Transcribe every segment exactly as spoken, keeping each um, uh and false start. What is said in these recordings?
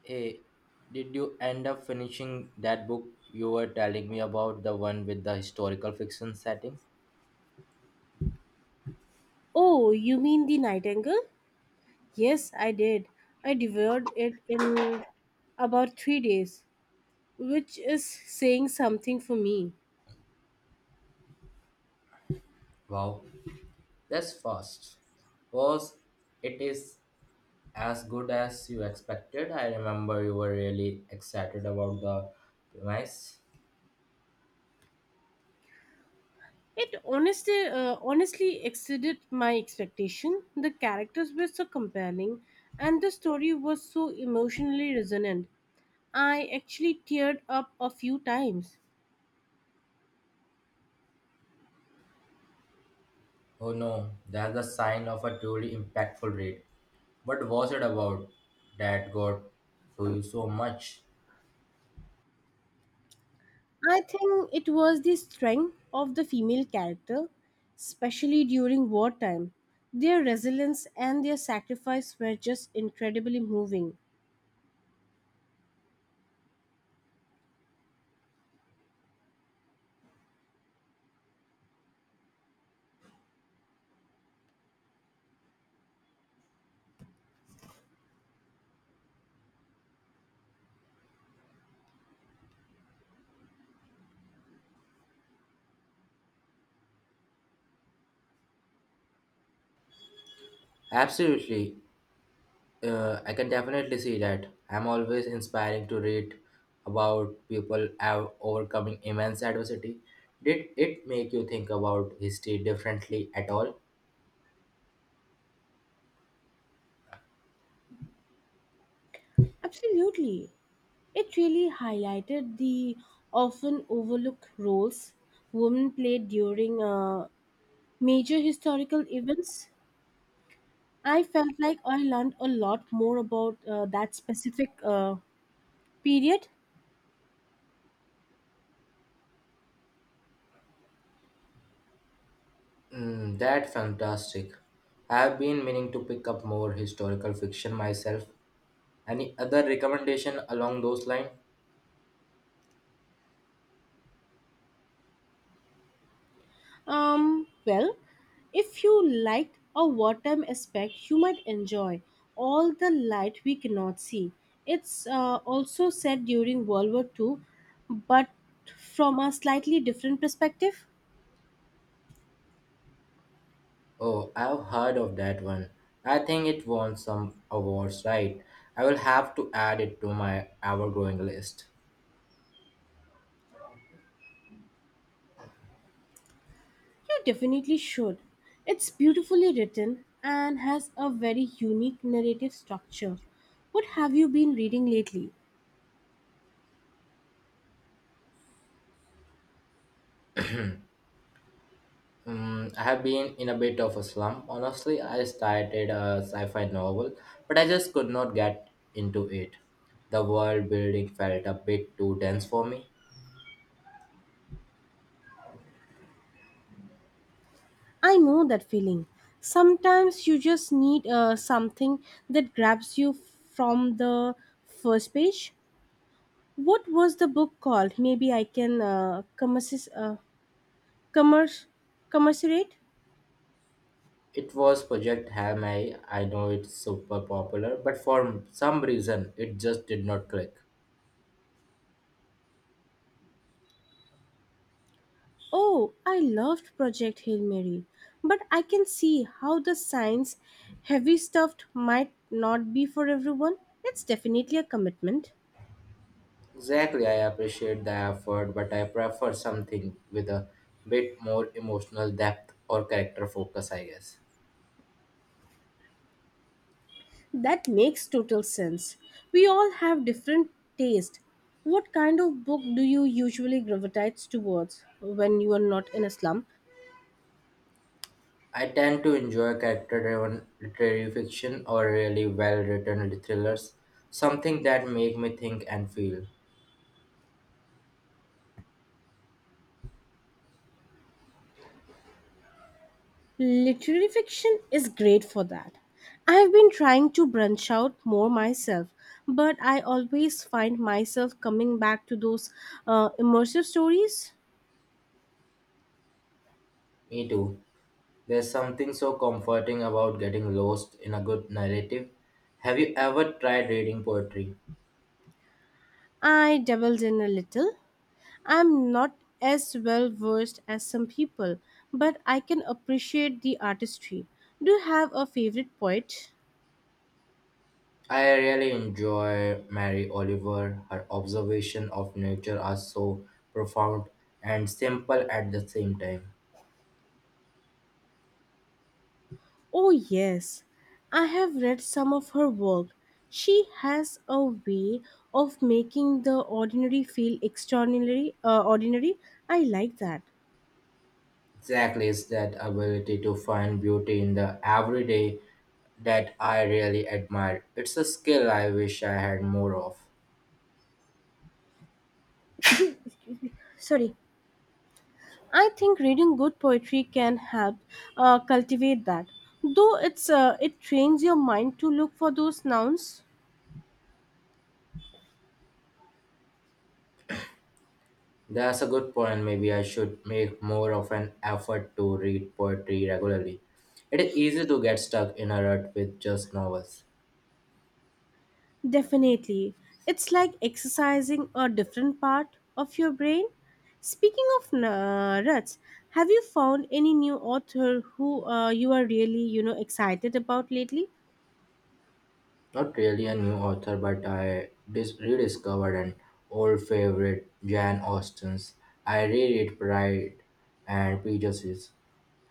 Hey, did you end up finishing that book you were telling me about, the one with the historical fiction setting? Oh, you mean the Nightingale? Yes, I did. I devoured it in about three days, which is saying something for me. Wow, that's fast. Was it is as good as you expected? I remember you were really excited about the premise. It honestly, uh, honestly exceeded my expectation. The characters were so compelling, and the story was so emotionally resonant. I actually teared up a few times. Oh no, that's the sign of a truly impactful read. What was it about that got to you so much? I think it was the strength of the female character, especially during wartime. Their resilience and their sacrifice were just incredibly moving. Absolutely. Uh, I can definitely see that. I'm always inspiring to read about people av- overcoming immense adversity. Did it make you think about history differently at all? Absolutely. It really highlighted the often overlooked roles women played during uh, major historical events. I felt like I learned a lot more about uh, that specific uh, period. Mm, that's fantastic. I've been meaning to pick up more historical fiction myself. Any other recommendation along those lines? Um, well, if you like a wartime aspect, you might enjoy all the light we cannot see. It's uh, also set during World War Two, but from a slightly different perspective. Oh, I've heard of that one. I think it won some awards, right? I will have to add it to my ever growing list. You definitely should. It's beautifully written and has a very unique narrative structure. What have you been reading lately? Mm, I have been in a bit of a slump. Honestly, I started a sci fi novel, but I just could not get into it. The world building felt a bit too dense for me. I know that feeling. Sometimes you just need uh, something that grabs you from the first page. What was the book called? Maybe I can uh, commercis- uh, commerce- commercerate. It was Project Hail Mary. I know it's super popular, but for some reason, it just did not click. Oh, I loved Project Hail Mary, but I can see how the science heavy stuff might not be for everyone. It's definitely a commitment. Exactly, I appreciate the effort, but I prefer something with a bit more emotional depth or character focus, I guess. That makes total sense. We all have different taste. What kind of book do you usually gravitate towards when you are not in a slum? I tend to enjoy character driven literary fiction or really well written thrillers, something that make me think and feel. Literary fiction is great for that. I have been trying to branch out more myself, but I always find myself coming back to those uh, immersive stories. Me too. There's something so comforting about getting lost in a good narrative. Have you ever tried reading poetry? I dabbled in a little. I'm not as well versed as some people, but I can appreciate the artistry. Do you have a favorite poet? I really enjoy Mary Oliver. Her observation of nature are so profound and simple at the same time. Oh, yes. I have read some of her work. She has a way of making the ordinary feel extraordinary. Uh, ordinary. I like that. Exactly, it's that ability to find beauty in the everyday that I really admire. It's a skill I wish I had more of. Sorry. I think reading good poetry can help uh, cultivate that. Though it's uh, it trains your mind to look for those nouns. That's a good point. Maybe I should make more of an effort to read poetry regularly. It is easy to get stuck in a rut with just novels. Definitely. It's like exercising a different part of your brain. Speaking of n- ruts, have you found any new author who uh, you are really, you know, excited about lately? Not really a new author, but I dis- rediscovered an old favorite, Jane Austen's. I reread Pride and Prejudice,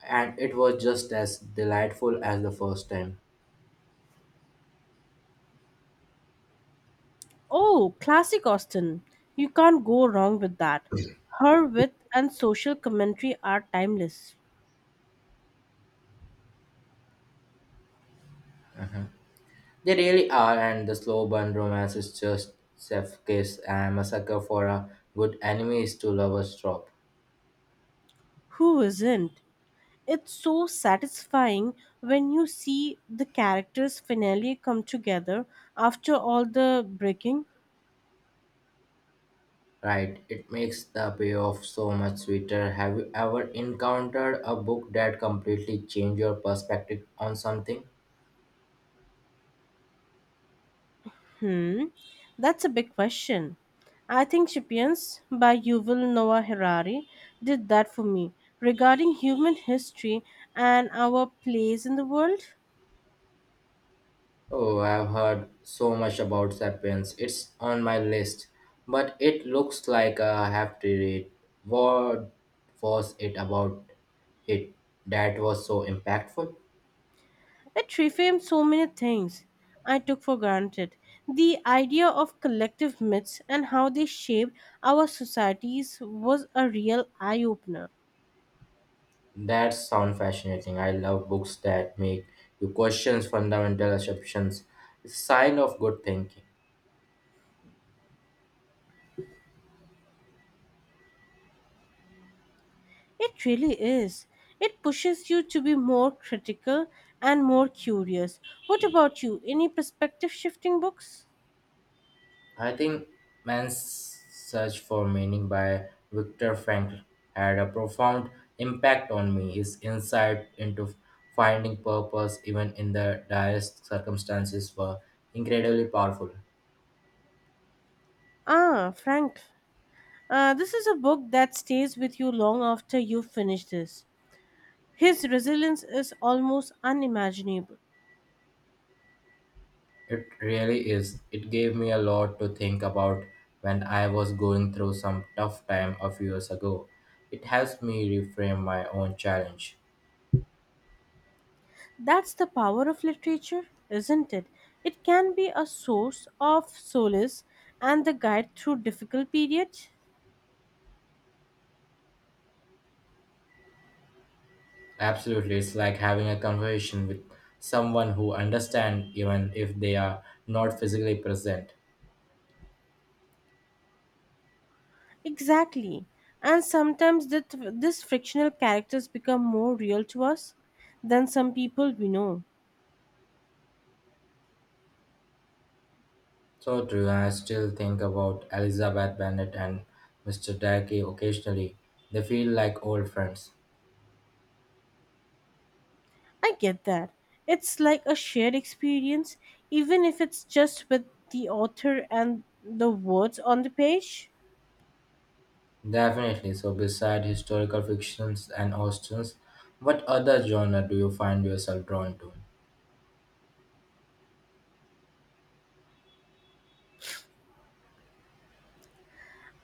and it was just as delightful as the first time. Oh, classic Austen. You can't go wrong with that. Her wit and social commentary are timeless. They really are, and the slow burn romance is just chef kiss. I'm a sucker for a good enemies to lovers drop. Who isn't? It's so satisfying when you see the characters finally come together after all the breaking. Right, it makes the payoff so much sweeter. Have you ever encountered a book that completely changed your perspective on something? Hmm, that's a big question. I think Sapiens by Yuval Noah Harari did that for me regarding human history and our place in the world. Oh, I've heard so much about Sapiens. It's on my list, but it looks like I have to read. What was it about it that was so impactful? It reframed so many things I took for granted. The idea of collective myths and how they shaped our societies was a real eye opener. That sounds fascinating. I love books that make you question fundamental assumptions. It's a sign of good thinking. It really is. It pushes you to be more critical and more curious. What about you? Any perspective shifting books? I think Man's Search for Meaning by Viktor Frankl had a profound impact on me. His insight into finding purpose even in the direst circumstances were incredibly powerful. Ah, Frank. Uh, this is a book that stays with you long after you finish this. His resilience is almost unimaginable. It really is. It gave me a lot to think about when I was going through some tough time a few years ago. It helps me reframe my own challenge. That's the power of literature, isn't it? It can be a source of solace and the guide through difficult periods. Absolutely, it's like having a conversation with someone who understands even if they are not physically present. Exactly. And sometimes that this frictional characters become more real to us than some people we know. So true, and I still think about Elizabeth Bennet and mister Darkey occasionally. They feel like old friends. I get that. It's like a shared experience, even if it's just with the author and the words on the page. Definitely. So, beside historical fictions and authors, what other genre do you find yourself drawn to?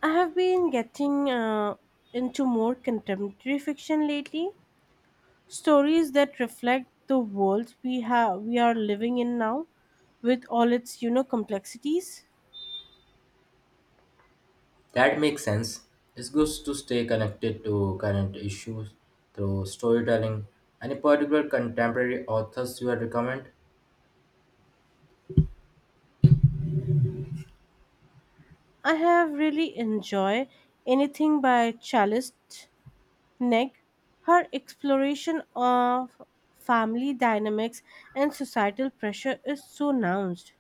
I have been getting uh, into more contemporary fiction lately, stories that reflect the world we have we are living in now, with all its you know complexities. That makes sense. It's good to stay connected to current issues through storytelling. Any particular contemporary authors you would recommend? I have really enjoyed anything by Charlize Neck. Her exploration of family dynamics and societal pressure is so nuanced,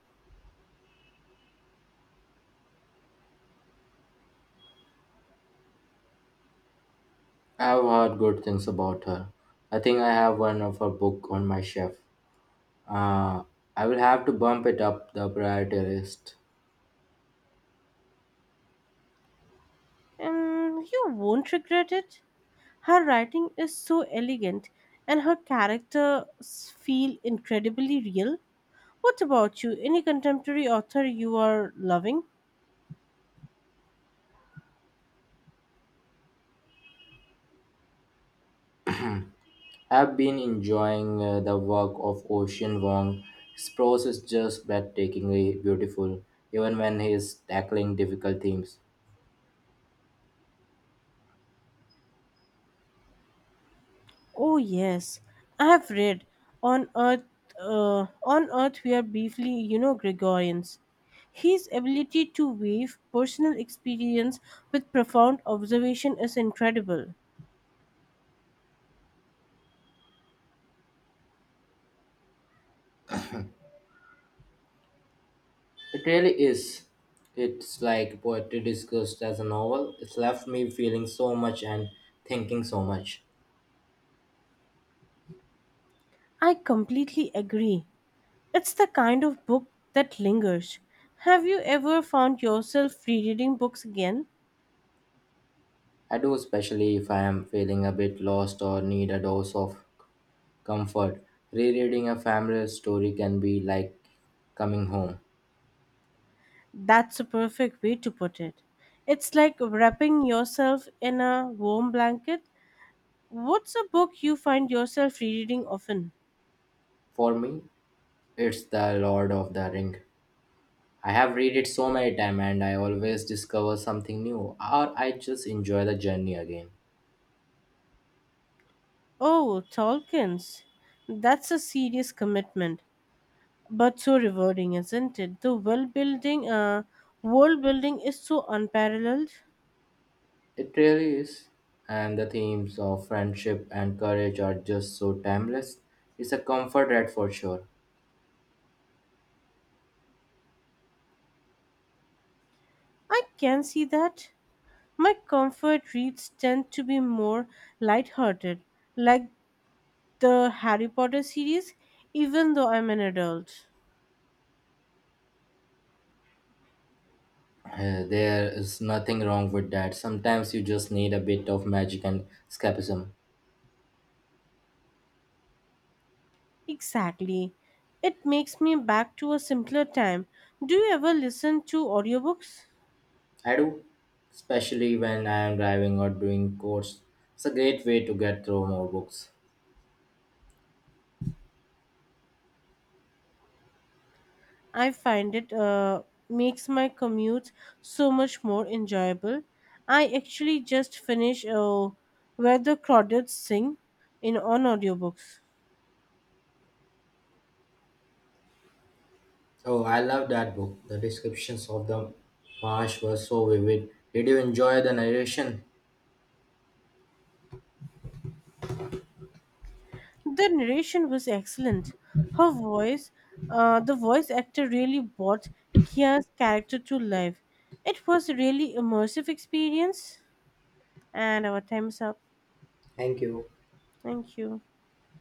I've heard good things about her. I think I have one of her book on my shelf. Uh, I will have to bump it up the priority list. and you won't regret it. Her writing is so elegant, and her characters feel incredibly real. What about you? Any contemporary author you are loving? I've been enjoying uh, the work of Ocean Wong. His prose is just breathtakingly beautiful, even when he's tackling difficult themes. Oh yes, I have read on Earth. Uh, on Earth, we are briefly, you know, Gregorians. His ability to weave personal experience with profound observation is incredible. It really is. It's like poetry discussed as a novel. It's left me feeling so much and thinking so much. I completely agree. It's the kind of book that lingers. Have you ever found yourself rereading books again? I do, especially if I am feeling a bit lost or need a dose of comfort. Rereading a familiar story can be like coming home. That's a perfect way to put it. It's like wrapping yourself in a warm blanket. What's a book you find yourself rereading often? For me, it's The Lord of the Ring. I have read it so many times and I always discover something new or I just enjoy the journey again. Oh, Tolkien's. That's a serious commitment, but so rewarding, isn't it? The world building, uh, world building is so unparalleled. It really is. And the themes of friendship and courage are just so timeless. It's a comfort read for sure. I can see that. My comfort reads tend to be more lighthearted, like the Harry Potter series, even though I'm an adult. Uh, there is nothing wrong with that. Sometimes you just need a bit of magic and escapism. Exactly. It makes me back to a simpler time. Do you ever listen to audiobooks? I do, especially when I am driving or doing chores. It's a great way to get through more books. I find it uh, makes my commutes so much more enjoyable. I actually just finished uh, Where the Crawdads Sing in on audiobooks. Oh, I love that book. The descriptions of the marsh were so vivid. Did you enjoy the narration? The narration was excellent. Her voice, uh, the voice actor really brought Kia's character to life. It was a really immersive experience. And our time's up. Thank you. Thank you.